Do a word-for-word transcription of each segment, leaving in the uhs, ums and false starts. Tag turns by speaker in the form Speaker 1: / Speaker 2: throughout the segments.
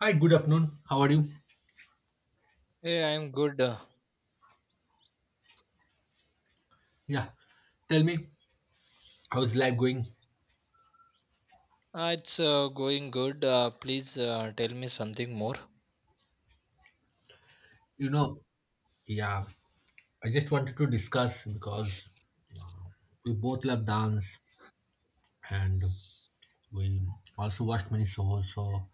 Speaker 1: Hi, good afternoon. How are you?
Speaker 2: Hey, I'm good. Uh,
Speaker 1: Yeah, tell me, how's life going?
Speaker 2: ah, it's uh, going good. Uh, please uh, tell me something more.
Speaker 1: You know, yeah, I just wanted to discuss because we both love dance and we also watched many shows. So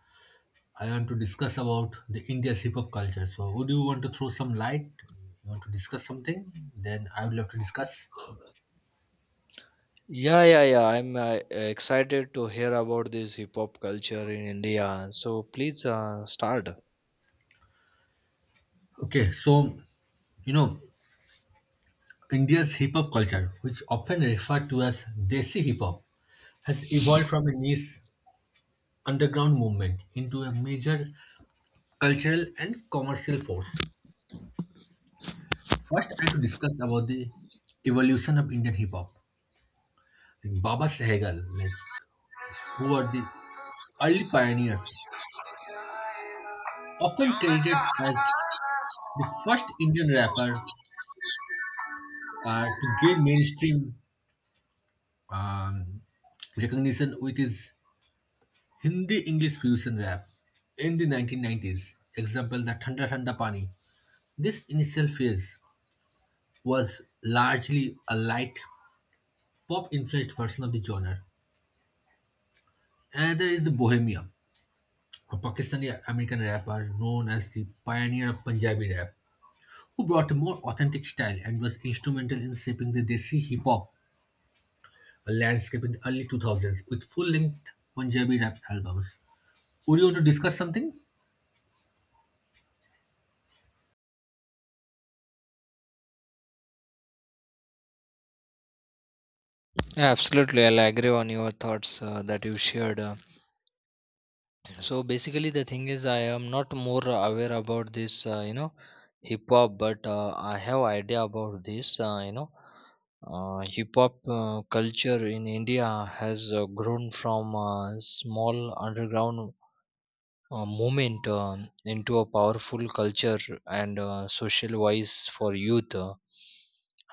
Speaker 1: I want to discuss about the India's hip hop culture. So would you want to throw some light? You want to discuss something? Then I would love to discuss.
Speaker 2: Yeah, yeah, yeah. I'm uh, excited to hear about this hip hop culture in India. So please uh, start.
Speaker 1: Okay, so you know, India's hip hop culture, which often referred to as Desi hip hop, has evolved from a niche underground movement into a major cultural and commercial force. First, I have to discuss about the evolution of Indian hip hop. Like Baba Sehgal, like who were the early pioneers, often credited as the first Indian rapper uh, to gain mainstream um, recognition with his Hindi English fusion rap in the nineteen nineties. Example, the Thanda Thanda Pani. This initial phase was largely a light pop-influenced version of the genre. Another is the Bohemia, a Pakistani-American rapper known as the pioneer of Punjabi rap, who brought a more authentic style and was instrumental in shaping the Desi hip-hop landscape in the early two thousands with full-length Punjabi rap albums. Would you want to discuss something?
Speaker 2: Yeah, absolutely. I'll agree on your thoughts uh, that you shared. Uh, So basically, the thing is, I am not more aware about this, uh, you know, hip hop, but uh, I have idea about this. Uh, you know, uh, hip hop uh, culture in India has uh, grown from a small underground uh, movement um into a powerful culture and uh, social voice for youth, uh,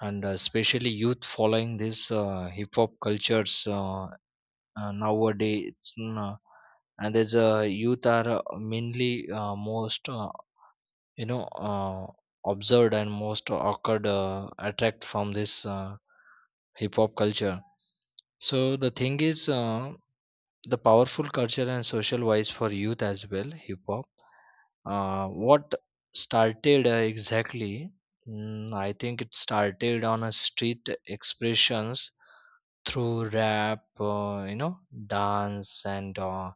Speaker 2: and uh, especially youth following this uh, hip hop cultures uh, uh, nowadays, uh, and there's uh, youth are uh, mainly uh, most, uh, you know uh, observed and most awkward uh, attract from this uh, hip hop culture. So the thing is, uh, the powerful culture and social wise for youth as well. Hip hop, uh, what started uh, exactly? mm, I think it started on a street expressions through rap, uh, you know dance and uh,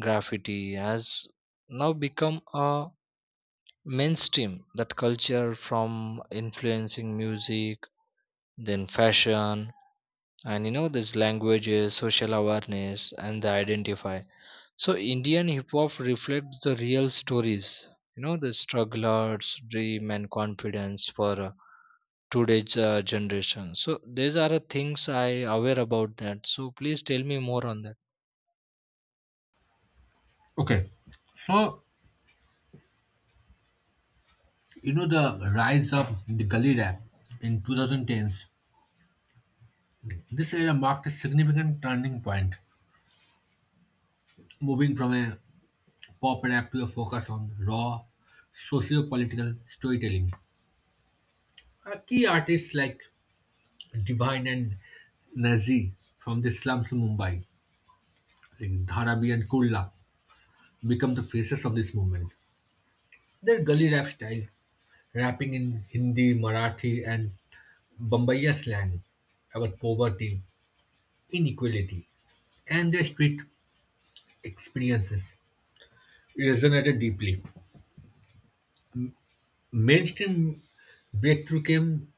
Speaker 2: graffiti has now become a mainstream, that culture from influencing music, then fashion, and you know these languages, social awareness, and the identify. So Indian hip hop reflects the real stories, you know the strugglers dream and confidence for uh, today's uh, generation. So these are the things I aware about that. So please tell me more on that.
Speaker 1: Okay, so you know the rise of the gully rap in twenty tens. This era marked a significant turning point, moving from a pop rap to a focus on raw socio-political storytelling. Uh, key artists like Divine and Nazi from the slums of Mumbai, like Dharavi and Kurla, become the faces of this movement. Their gully rap style, rapping in Hindi, Marathi, and Bombaya slang about poverty, inequality, and their street experiences resonated deeply. Mainstream breakthrough came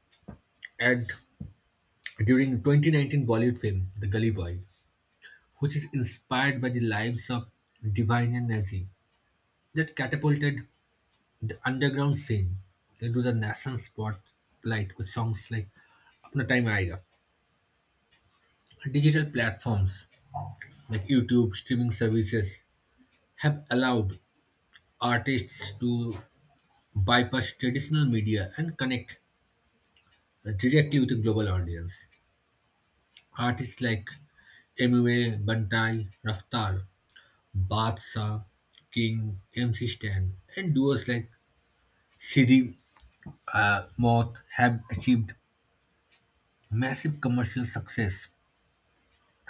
Speaker 1: at during twenty nineteen Bollywood film The Gully Boy, which is inspired by the lives of Divine and Nazi, that catapulted the underground scene into the national spotlight with songs like Apna Time Aayega. Digital platforms like YouTube, streaming services have allowed artists to bypass traditional media and connect directly with a global audience. Artists like M U A, Bantai, Raftar Badshah, King, M C Stan, and duos like Siri uh, Moth have achieved massive commercial success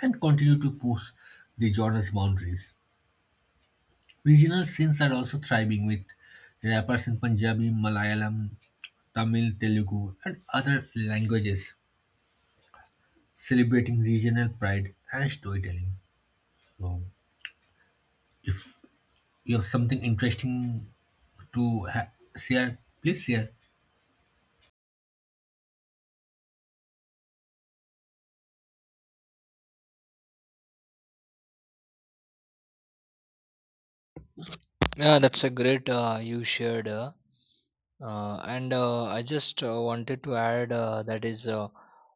Speaker 1: and continue to push the genre's boundaries. Regional scenes are also thriving with rappers in Punjabi, Malayalam, Tamil, Telugu, and other languages celebrating regional pride and storytelling. So, if you have something interesting to ha- share, please share.
Speaker 2: Yeah, that's a great, uh, you shared. Uh, uh, and uh, I just uh, wanted to add uh, that is uh,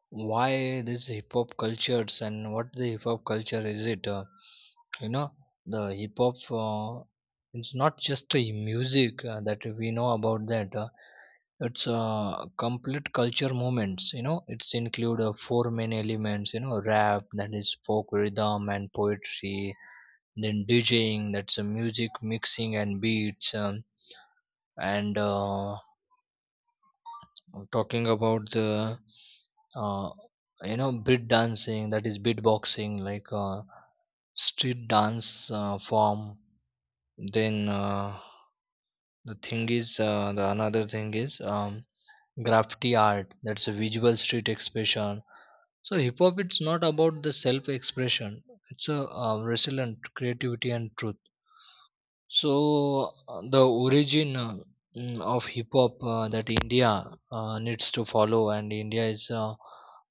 Speaker 2: why this hip hop cultures and what the hip hop culture is it? Uh, you know, the hip hop, uh, it's not just a music uh, that we know about that. Uh, it's uh, complete culture movements. You know, it's include uh, four main elements. You know, rap, that is folk rhythm and poetry, then DJing, that's a music mixing and beats, um, and uh, talking about the, uh, you know beat dancing, that is beatboxing, like uh, street dance uh, form. Then uh, the thing is, uh, the another thing is, um, graffiti art. That's a visual street expression. So hip hop, it's not about the self expression. It's a uh, resilient creativity and truth. So uh, the origin, uh, mm, of hip hop, uh, that India uh, needs to follow, and India is uh,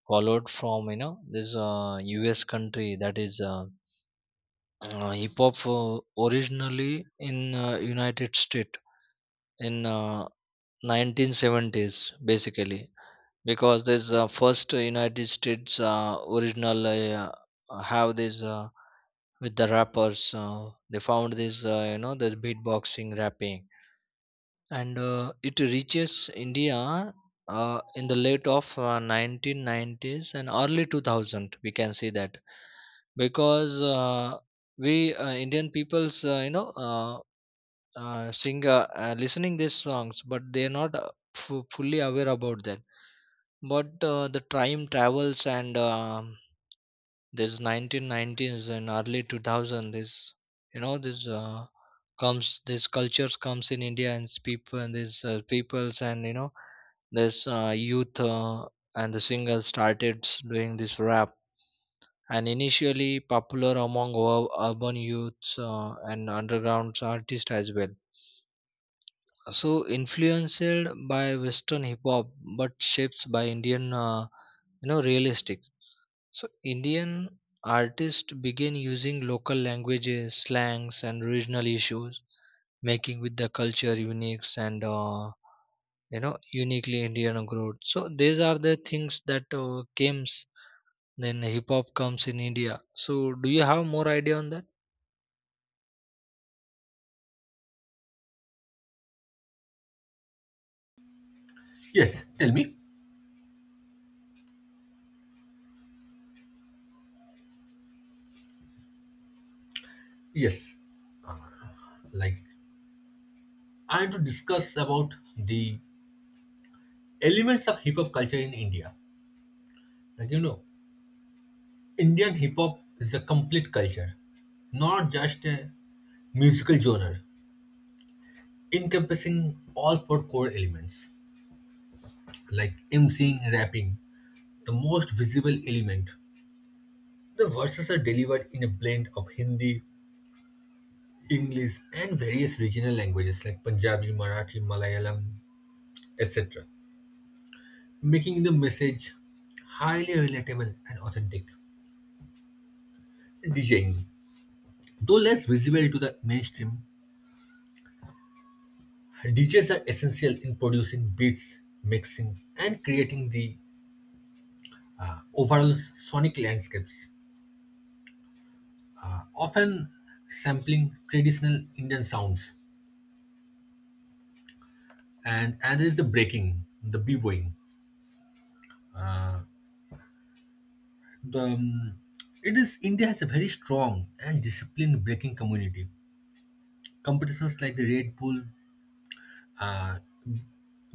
Speaker 2: followed from, you know, this uh, U S country, that is, uh, uh, hip hop, uh, originally in uh, United States in uh, nineteen seventies basically. Because this uh, first United States uh, original uh, have this uh, with the rappers, uh, they found this, uh, you know the beatboxing rapping, and uh, it reaches India uh, in the late of uh, nineteen nineties and early two thousand. We can see that, because uh, we, uh, Indian peoples, uh, you know, uh, uh, sing, uh, uh, listening these songs, but they're not uh, fu- fully aware about that. But uh, the time travels and um this nineteen nineties and early two thousand, this you know this, uh, comes this cultures comes in India and it's people and these uh, peoples and you know this uh, youth uh, and the singer started s- doing this rap. And initially popular among ur- urban youths, uh, and underground artists as well. So influenced by western hip hop, but shaped by Indian, uh, you know realistic. So Indian artists began using local languages, slangs, and regional issues, making with the culture unique and, uh, you know uniquely Indian growth. So these are the things that uh, came. Then hip hop comes in India. So do you have more idea on that?
Speaker 1: Yes, tell me. Yes. Like I had to discuss about the elements of hip hop culture in India. Like you know, Indian hip hop is a complete culture, not just a musical genre, encompassing all four core elements like MCing, rapping, the most visible element. The verses are delivered in a blend of Hindi, English, and various regional languages like Punjabi, Marathi, Malayalam, et cetera, making the message highly relatable and authentic. DJing. Though less visible to the mainstream, D Js are essential in producing beats, mixing, and creating the uh, overall sonic landscapes, uh, often sampling traditional Indian sounds. And another is the breaking, the b-boying. The, um, it is India has a very strong and disciplined breaking community. Competitions like the Red Bull uh,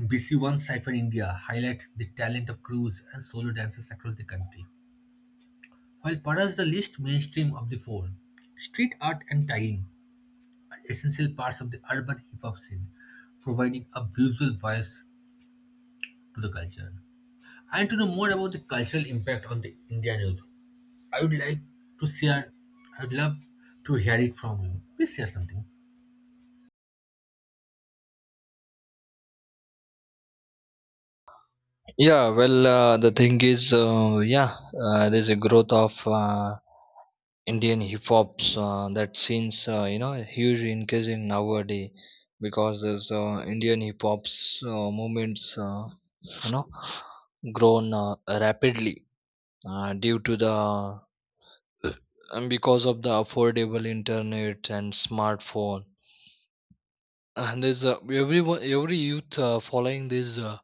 Speaker 1: B C one Cypher India highlight the talent of crews and solo dancers across the country. While perhaps the least mainstream of the four, street art and tagging are essential parts of the urban hip hop scene, providing a visual voice to the culture. And to know more about the cultural impact on the Indian youth, I would like to share, I would love to hear it from you. Please share something.
Speaker 2: Yeah, well, uh, the thing is, uh, yeah, uh, there's a growth of. Uh, Indian hip hops uh, that seems, uh, you know huge increase in nowadays. Because this uh, Indian hip hops uh, movements, uh, you know grown uh, rapidly, uh, due to the, and because of the affordable internet and smartphone. And there's uh, everyone, every youth, uh, following these, uh,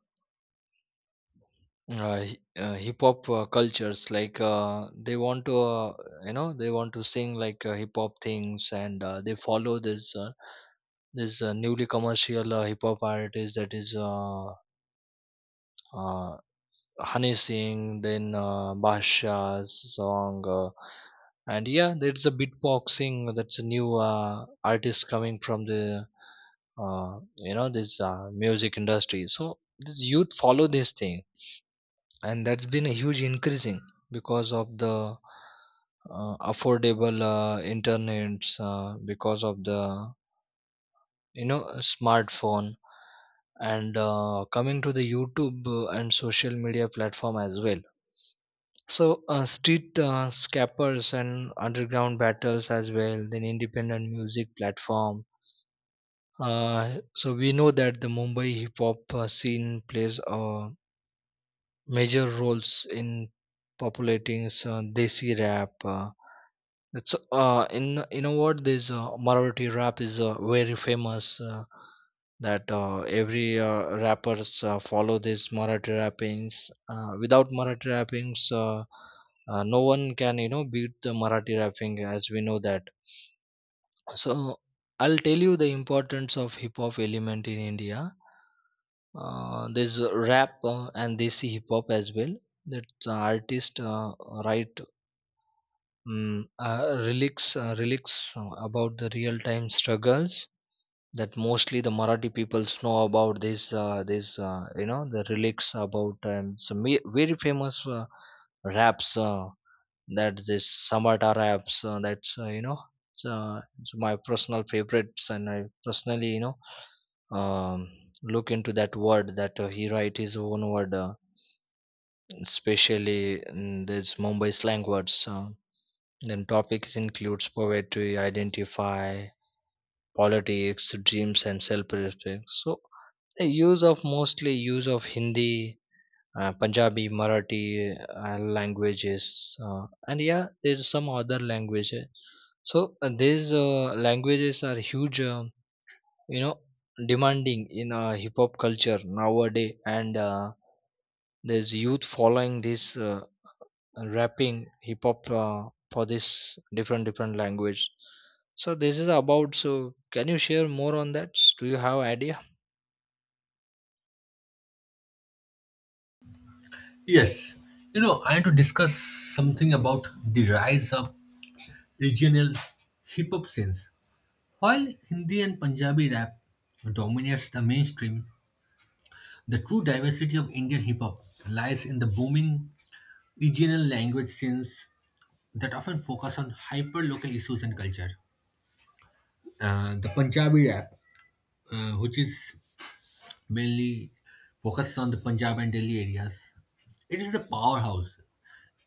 Speaker 2: uh, hi- uh, hip hop uh, cultures. Like uh, they want to, uh, you know they want to sing like uh, hip hop things. And uh, they follow this, uh, this uh, newly commercial uh, hip hop artist. That is, uh, uh, Honey Singh, then uh, Basha's song, uh, and yeah, there's a beatboxing. That's a new uh, artist coming from the, uh, you know this uh, music industry. So this youth follow this thing, and that's been a huge increasing because of the uh, affordable uh, internets, uh, because of the, you know, a smartphone, and uh, coming to the YouTube uh, and social media platform as well. So uh, street uh, scappers and underground battles as well, then independent music platform. Uh, so we know that the Mumbai hip hop uh, scene plays uh, major roles in populating uh, desi rap. uh, It's uh in, you know what, this uh, Marathi rap is uh, very famous. Uh, that uh, every uh, rappers uh, follow this Marathi rappings. Uh, without Marathi rappings, uh, uh, no one can, you know, beat the Marathi rapping as we know that. So I'll tell you the importance of hip hop element in India. Uh, there's rap uh, and desi hip hop as well. That the artist uh, write, Mm, uh, relics, uh, relics uh, about the real-time struggles, that mostly the Marathi peoples know about this, uh, this uh, you know, the relics about, um, some ve- very famous uh, raps, uh, that this Samata raps, uh, that's, uh, you know, it's, uh, it's my personal favorites. And I personally, you know um, look into that word, that uh, he write his own word, uh, especially in this Mumbai slang words. Uh, then topics includes poetry, identify, politics, dreams, and self-respect. So the use of, mostly use of, Hindi, uh, Punjabi, Marathi uh, languages, uh, and yeah, there's some other languages. So uh, these uh, languages are huge, um you know, demanding in uh, hip hop culture nowadays, and uh, there's youth following this. Uh, rapping hip hop uh, for this different different language. So this is about. So can you share more on that? Do you have idea?
Speaker 1: Yes, you know, I want to discuss something about the rise of regional hip hop scenes. While Hindi and Punjabi rap dominates the mainstream, the true diversity of Indian hip hop lies in the booming regional language scenes that often focus on hyper local issues and culture. Uh, the Punjabi rap, uh, which is mainly focused on the Punjab and Delhi areas, it is the powerhouse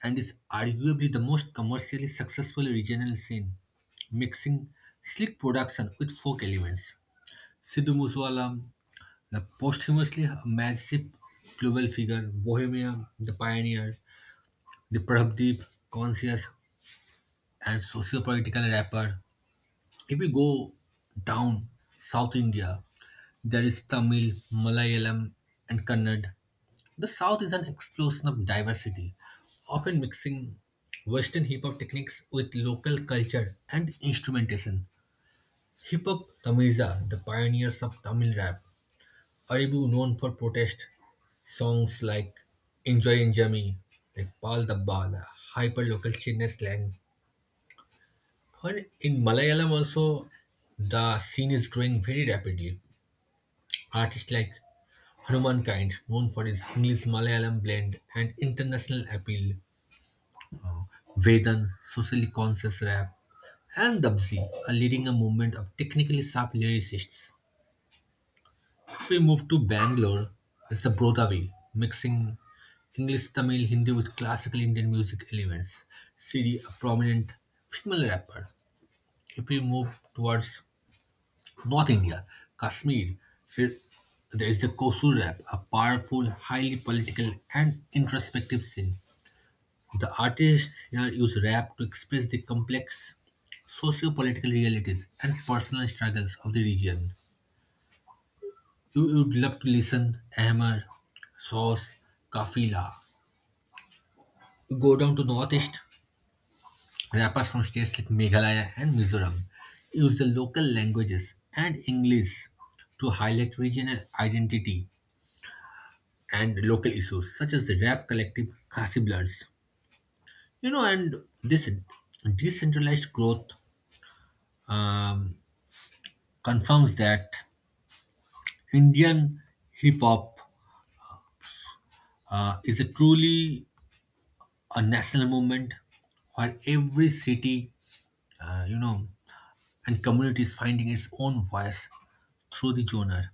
Speaker 1: and is arguably the most commercially successful regional scene, mixing slick production with folk elements. Sidhu Moosewala, the posthumously massive global figure, Bohemia, the pioneer, the Prabdeep conscious and socio-political rapper. If we go down South India, there is Tamil, Malayalam, and Kannad. The South is an explosion of diversity, often mixing Western hip hop techniques with local culture and instrumentation. Hip hop Tamiliza, the pioneers of Tamil rap, Aribu known for protest songs like Enjoy Enjami, like Pal Dabbala, hyper local Chennai slang, when in Malayalam also, the scene is growing very rapidly. Artists like Hanumankind, known for his English-Malayalam blend and international appeal, uh, Vedan, socially conscious rap, and Dabzi are leading a movement of technically sharp lyricists. If we move to Bangalore, it's the Brodavi, mixing English, Tamil, Hindi with classical Indian music elements. Siri, a prominent female rapper. If we move towards North India, Kashmir, it, there is the Kosu rap, a powerful, highly political, and introspective scene. The artists here use rap to express the complex socio-political realities and personal struggles of the region. You would love to listen Ahmer, Sauce, Kafila. You go down to northeast, rappers from states like Meghalaya and Mizoram use the local languages and English to highlight regional identity and local issues such as the rap collective Casiblars. You know, and this decentralized growth um, confirms that Indian hip hop uh, is a truly a national movement where every city, uh, you know, and community is finding its own voice through the genre.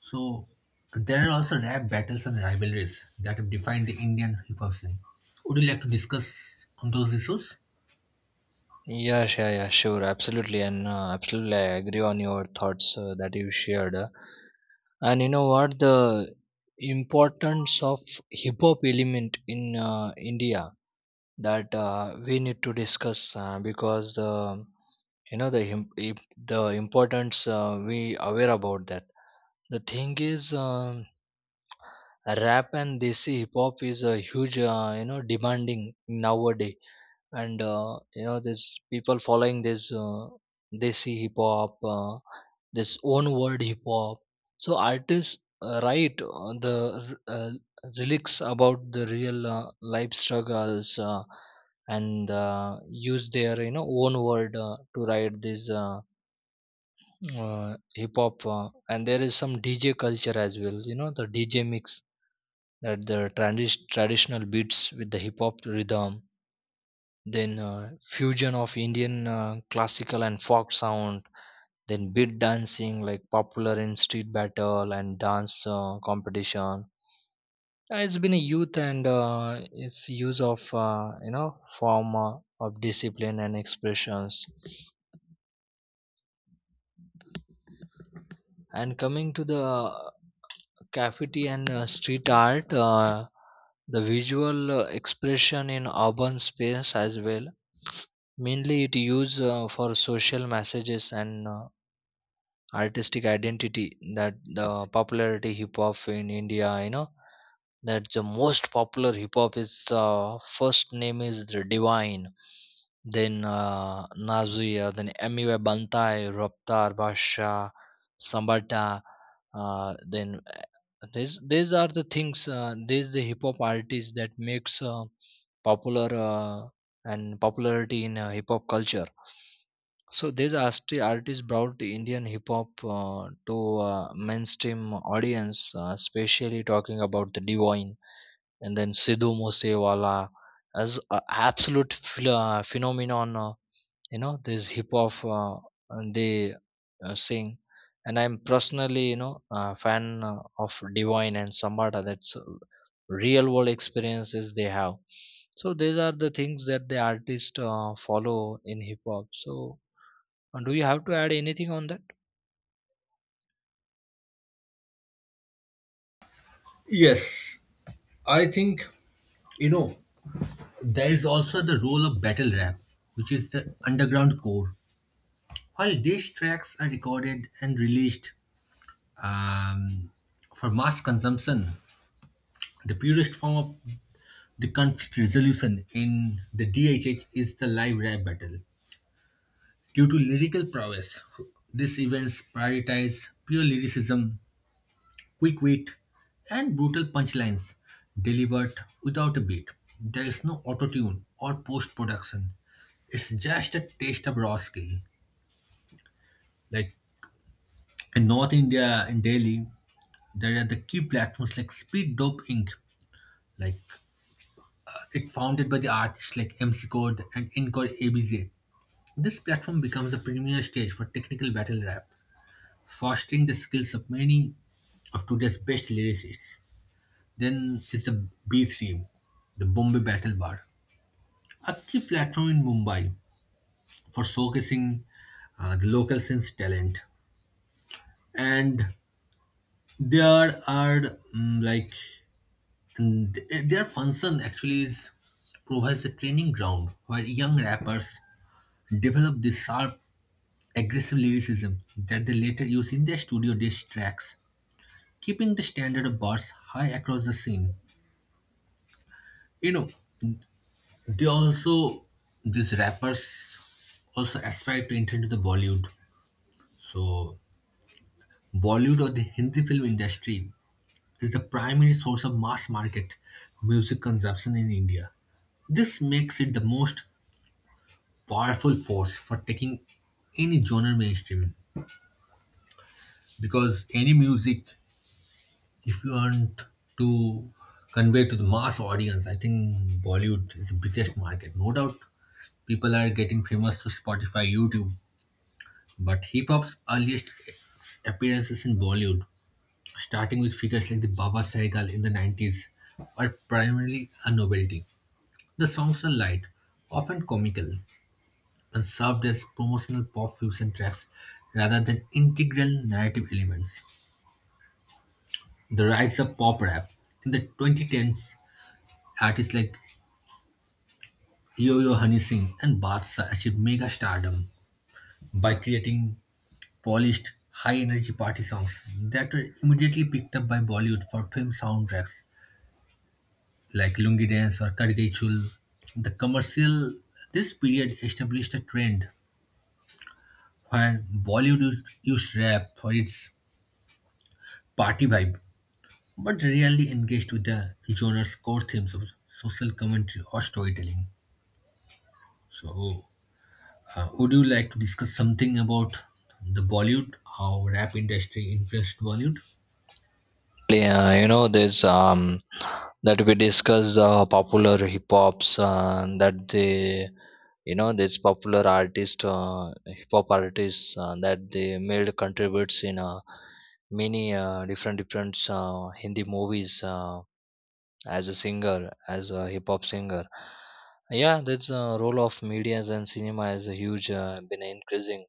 Speaker 1: So there are also rap battles and rivalries that have defined the Indian hip hop scene. Would you like to discuss on those issues?
Speaker 2: Yeah, sure. Yeah, sure. Absolutely. And uh, absolutely I agree on your thoughts uh, that you shared. Uh, and you know what, the importance of hip hop element in uh, India, that uh, we need to discuss, uh, because um you know the him- if the importance uh, we aware about that. The thing is, uh, rap and desi hip hop is a huge, uh, you know, demanding nowadays, and uh, you know, there's people following this uh, desi hip hop, uh, this own word hip hop. So artists uh, write uh, the uh, lyrics about the real uh, life struggles, uh, and uh, use their, you know, own word uh, to write these. Uh, uh, hip hop, uh, and there is some DJ culture as well, you know, the DJ mix, that the tradi- traditional beats with the hip hop rhythm. Then uh, fusion of Indian, uh, classical and folk sound. Then beat dancing like popular in street battle and dance uh, competition. Uh, it's been a youth, and uh, its use of, uh, you know form uh, of discipline and expressions. And coming to the graffiti and uh, street art, uh, the visual uh, expression in urban space as well. Mainly, it used uh, for social messages and uh, artistic identity, that the popularity hip hop in India, you know, that the most popular hip hop is, uh, first name is the Divine, then uh, Nazia, then Amiwe Bantai, Raptar, Basha, Sambata. Uh, then uh, these these are the things. Uh, these the hip hop artists that makes uh, popular uh, and popularity in uh, hip hop culture. So these art- artists brought the Indian hip hop uh, to uh, mainstream audience, uh, especially talking about the Divine and then Sidhu Moosewala as a absolute ph- uh, phenomenon. Uh, you know, this hip hop, uh, and they uh, sing, and I'm personally, you know, a fan uh, of Divine and Sambata. That's uh, real world experiences they have. So these are the things that the artists uh, follow in hip hop. So uh, do you have to add anything on that?
Speaker 1: Yes, I think, you know, there is also the role of battle rap, which is the underground core. While these tracks are recorded and released um, for mass consumption, the purest form of the conflict resolution in the D H H is the live rap battle. Due to lyrical prowess, these events prioritize pure lyricism quick wit, and brutal punchlines delivered without a beat. There is no autotune or post production. It's just a taste of raw skill. Like in North India, in Delhi, there are the key platforms like Speed Dope Inc. Like it founded by the artists like M C Code and Encore A B J. This platform becomes a premier stage for technical battle rap, fostering the skills of many of today's best lyricists. Then is the B three, the Bombay Battle Bar, a key platform in Mumbai for showcasing uh, the local scene's talent. And there are mm, like and th- their function actually is provides a training ground where young rappers develop the sharp, aggressive lyricism that they later use in their studio diss tracks, keeping the standard of bars high across the scene. You know, They also these rappers also aspire to enter into the Bollywood. So Bollywood or the Hindi film industry is the primary source of mass market music consumption in India. This makes it the most powerful force for taking any genre mainstream because any music, if you want to convey to the mass audience, I think Bollywood is the biggest market. No doubt people are getting famous through Spotify, YouTube, but hip hop's earliest appearances in Bollywood, starting with figures like the Baba Sahgal in the nineties, were primarily a novelty. The songs are light, often comical, and served as promotional pop fusion tracks rather than integral narrative elements. The rise of pop rap in the twenty tens, artists like Yo Yo Honey Singh and Badshah achieved mega stardom by creating polished, high-energy party songs that were immediately picked up by Bollywood for film soundtracks like Lungi Dance or Karge Chul. The commercial This period established a trend where Bollywood used used rap for its party vibe, but rarely engaged with the genre's core themes of social commentary or storytelling. So, uh, would you like to discuss something about the Bollywood, how rap industry influenced Bollywood?
Speaker 2: Yeah, you know, there's um that we discuss uh, popular hip hops uh, that they, you know, this popular artist, uh, hip hop artists uh, that they made contributes in uh, many uh, different different uh, Hindi movies, uh, as a singer, as a hip hop singer. Yeah, that's uh, role of medias and cinema is a huge uh, been increasing.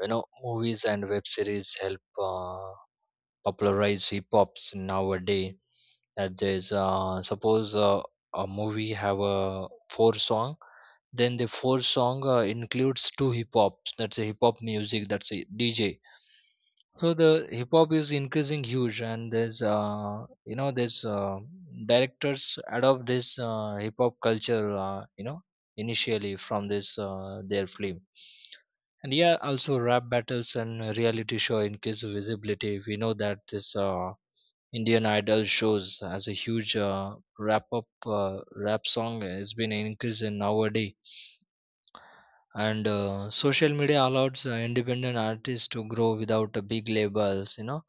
Speaker 2: You know, movies and web series help uh, popularize hip hops nowadays, that there's uh, suppose uh, a movie have a four song, then the four song uh, includes two hip hops, that's a hip hop music, that's a DJ. So the hip hop is increasing huge, and there's, uh, you know there's uh, directors adopt this uh, hip hop culture, uh, you know initially from this uh, their film. And yeah, also rap battles and reality show increase visibility. We know that this uh, Indian Idol shows as a huge uh, wrap up uh, rap song has been increasing nowadays. And uh, social media allows uh, independent artists to grow without uh, big labels. You know,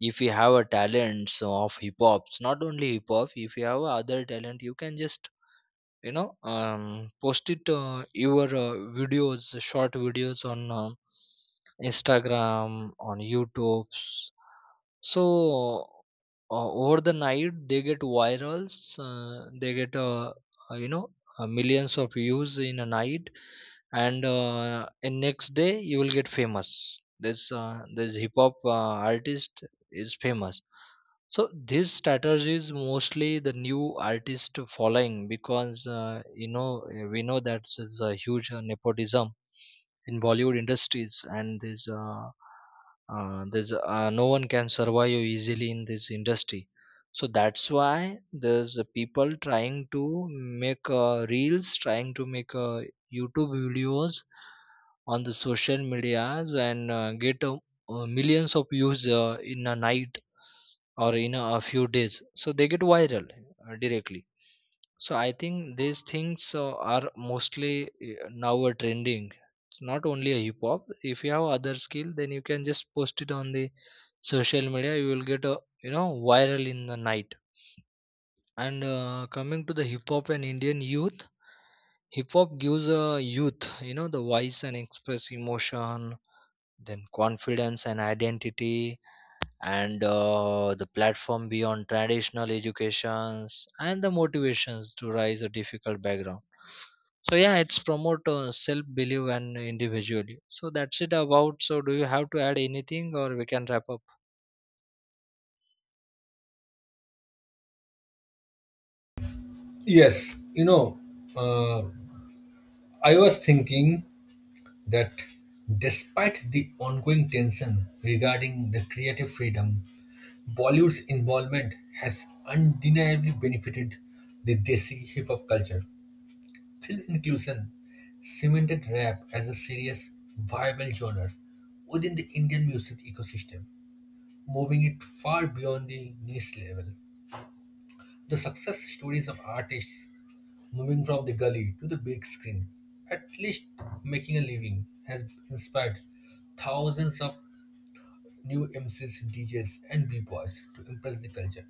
Speaker 2: if you have a talent of hip hop, not only hip hop, if you have other talent, you can just, you know um, post it, uh, your uh, videos, short videos on um Instagram, on YouTube. So uh, over the night they get virals, uh, they get, uh, uh, you know uh, millions of views in a night. And uh, and next day you will get famous. This uh, this hip hop uh, artist is famous. So this strategy is mostly the new artist following, because uh, you know uh, we know that there's a huge uh, nepotism in Bollywood industries, and there's uh, uh, there's uh, no one can survive easily in this industry. So that's why there's uh, people trying to make uh, reels, trying to make uh, YouTube videos on the social medias and uh, get, uh, uh, millions of views uh, in a night or in a, a few days. So they get viral uh, directly. So I think these things uh, are mostly uh, now a trending. It's not only a hip hop. If you have other skill, then you can just post it on the social media. You will get a, you know, viral in the night. And uh, coming to the hip hop and Indian youth, hip hop gives a youth, you know, the voice and express emotion, then confidence and identity, and uh, the platform beyond traditional educations and the motivations to rise a difficult background. So yeah, it's promote uh, self belief and individually. So that's it about. So do you have to add anything, or we can wrap up?
Speaker 1: Yes, you know, uh, I was thinking that despite the ongoing tension regarding the creative freedom, Bollywood's involvement has undeniably benefited the Desi hip hop culture. Film inclusion cemented rap as a serious, viable genre within the Indian music ecosystem, moving it far beyond the niche level. The success stories of artists moving from the gully to the big screen, at least making a living, has inspired thousands of new M Cs, D Js, and b-boys to impress the culture.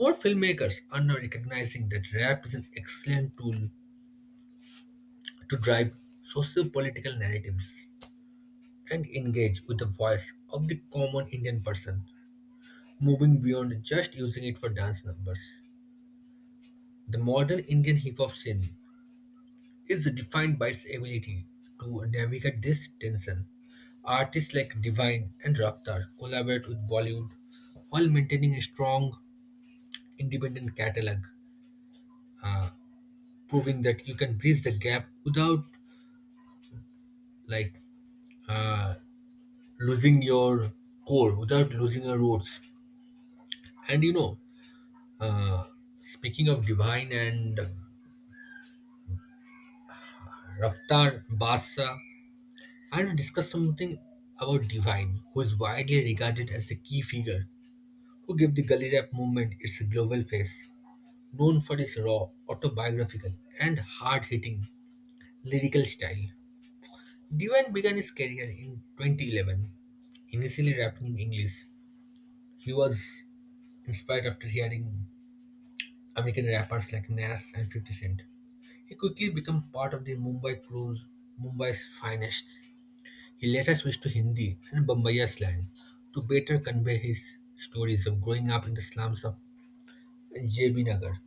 Speaker 1: More filmmakers are now recognizing that rap is an excellent tool to drive socio-political narratives and engage with the voice of the common Indian person, moving beyond just using it for dance numbers. The modern Indian hip-hop scene is defined by its ability to navigate this tension. Artists like Divine and Raftar collaborate with Bollywood while maintaining a strong independent catalog, uh, proving that you can bridge the gap without like uh, losing your core, without losing your roots. And you know, uh, speaking of Divine and Raftar Basa, I want to discuss something about Divine, who is widely regarded as the key figure who gave the gully rap movement its global face, known for its raw, autobiographical, and hard hitting lyrical style. Diwan began his career in twenty eleven, initially rapping in English. He was inspired after hearing American rappers like Nas and fifty Cent. He quickly became part of the Mumbai crew, Mumbai's finest. He later switched to Hindi and Bombaya slang to better convey his stories of growing up in the slums of J B Nagar.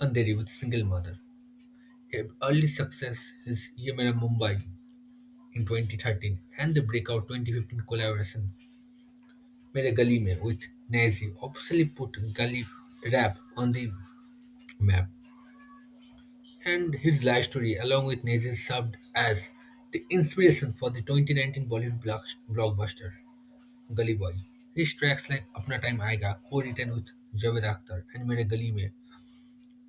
Speaker 1: Andheri with Single Mother. Their early success is Ye Mera Mumbai in twenty thirteen and the breakout twenty fifteen collaboration Mere Gali Mein with Nazi obviously put Gali rap on the map. And his life story along with Nazi served as the inspiration for the twenty nineteen Bollywood block- blockbuster Gully Boy. His tracks like Apna Time Aayega, co-written with Javed Akhtar and Mere Gali Mein,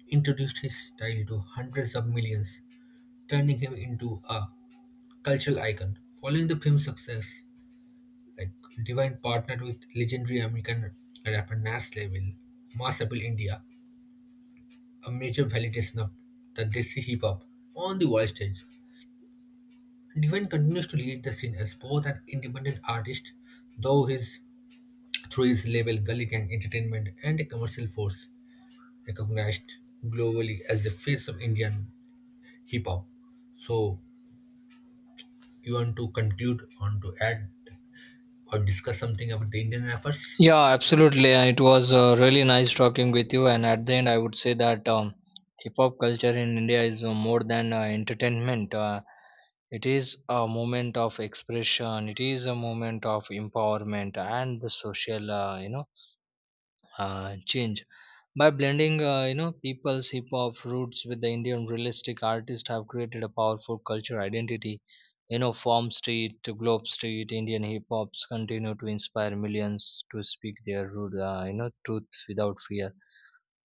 Speaker 1: introduced his style to hundreds of millions, turning him into a cultural icon. Following the film's success, like Divine partnered with legendary American rapper Nas Leville, Mass Appeal India, a major validation of the Desi hip hop on the world stage. Divine continues to lead the scene as both an independent artist, though his through his label Gully Gang Entertainment and a commercial force recognized globally as the face of Indian hip hop. So you want to conclude, want to add or discuss something about the Indian rappers?
Speaker 2: Yeah, absolutely. Uh, It was uh, really nice talking with you. And at the end, I would say that, um, hip hop culture in India is uh, more than uh, entertainment. Uh, it is a moment of expression. It is a moment of empowerment and the social, uh, you know, uh, change. By blending, uh, you know, people's hip hop roots with the Indian realistic artists have created a powerful cultural identity. You know, from Street to Globe Street, Indian hip hops continue to inspire millions to speak their root, uh, you know, truth without fear.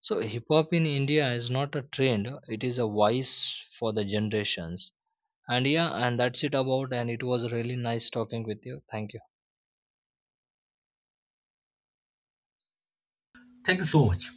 Speaker 2: So, hip hop in India is not a trend; it is a voice for the generations. And yeah, and that's it about. And it was really nice talking with you. Thank you.
Speaker 1: Thank you so much.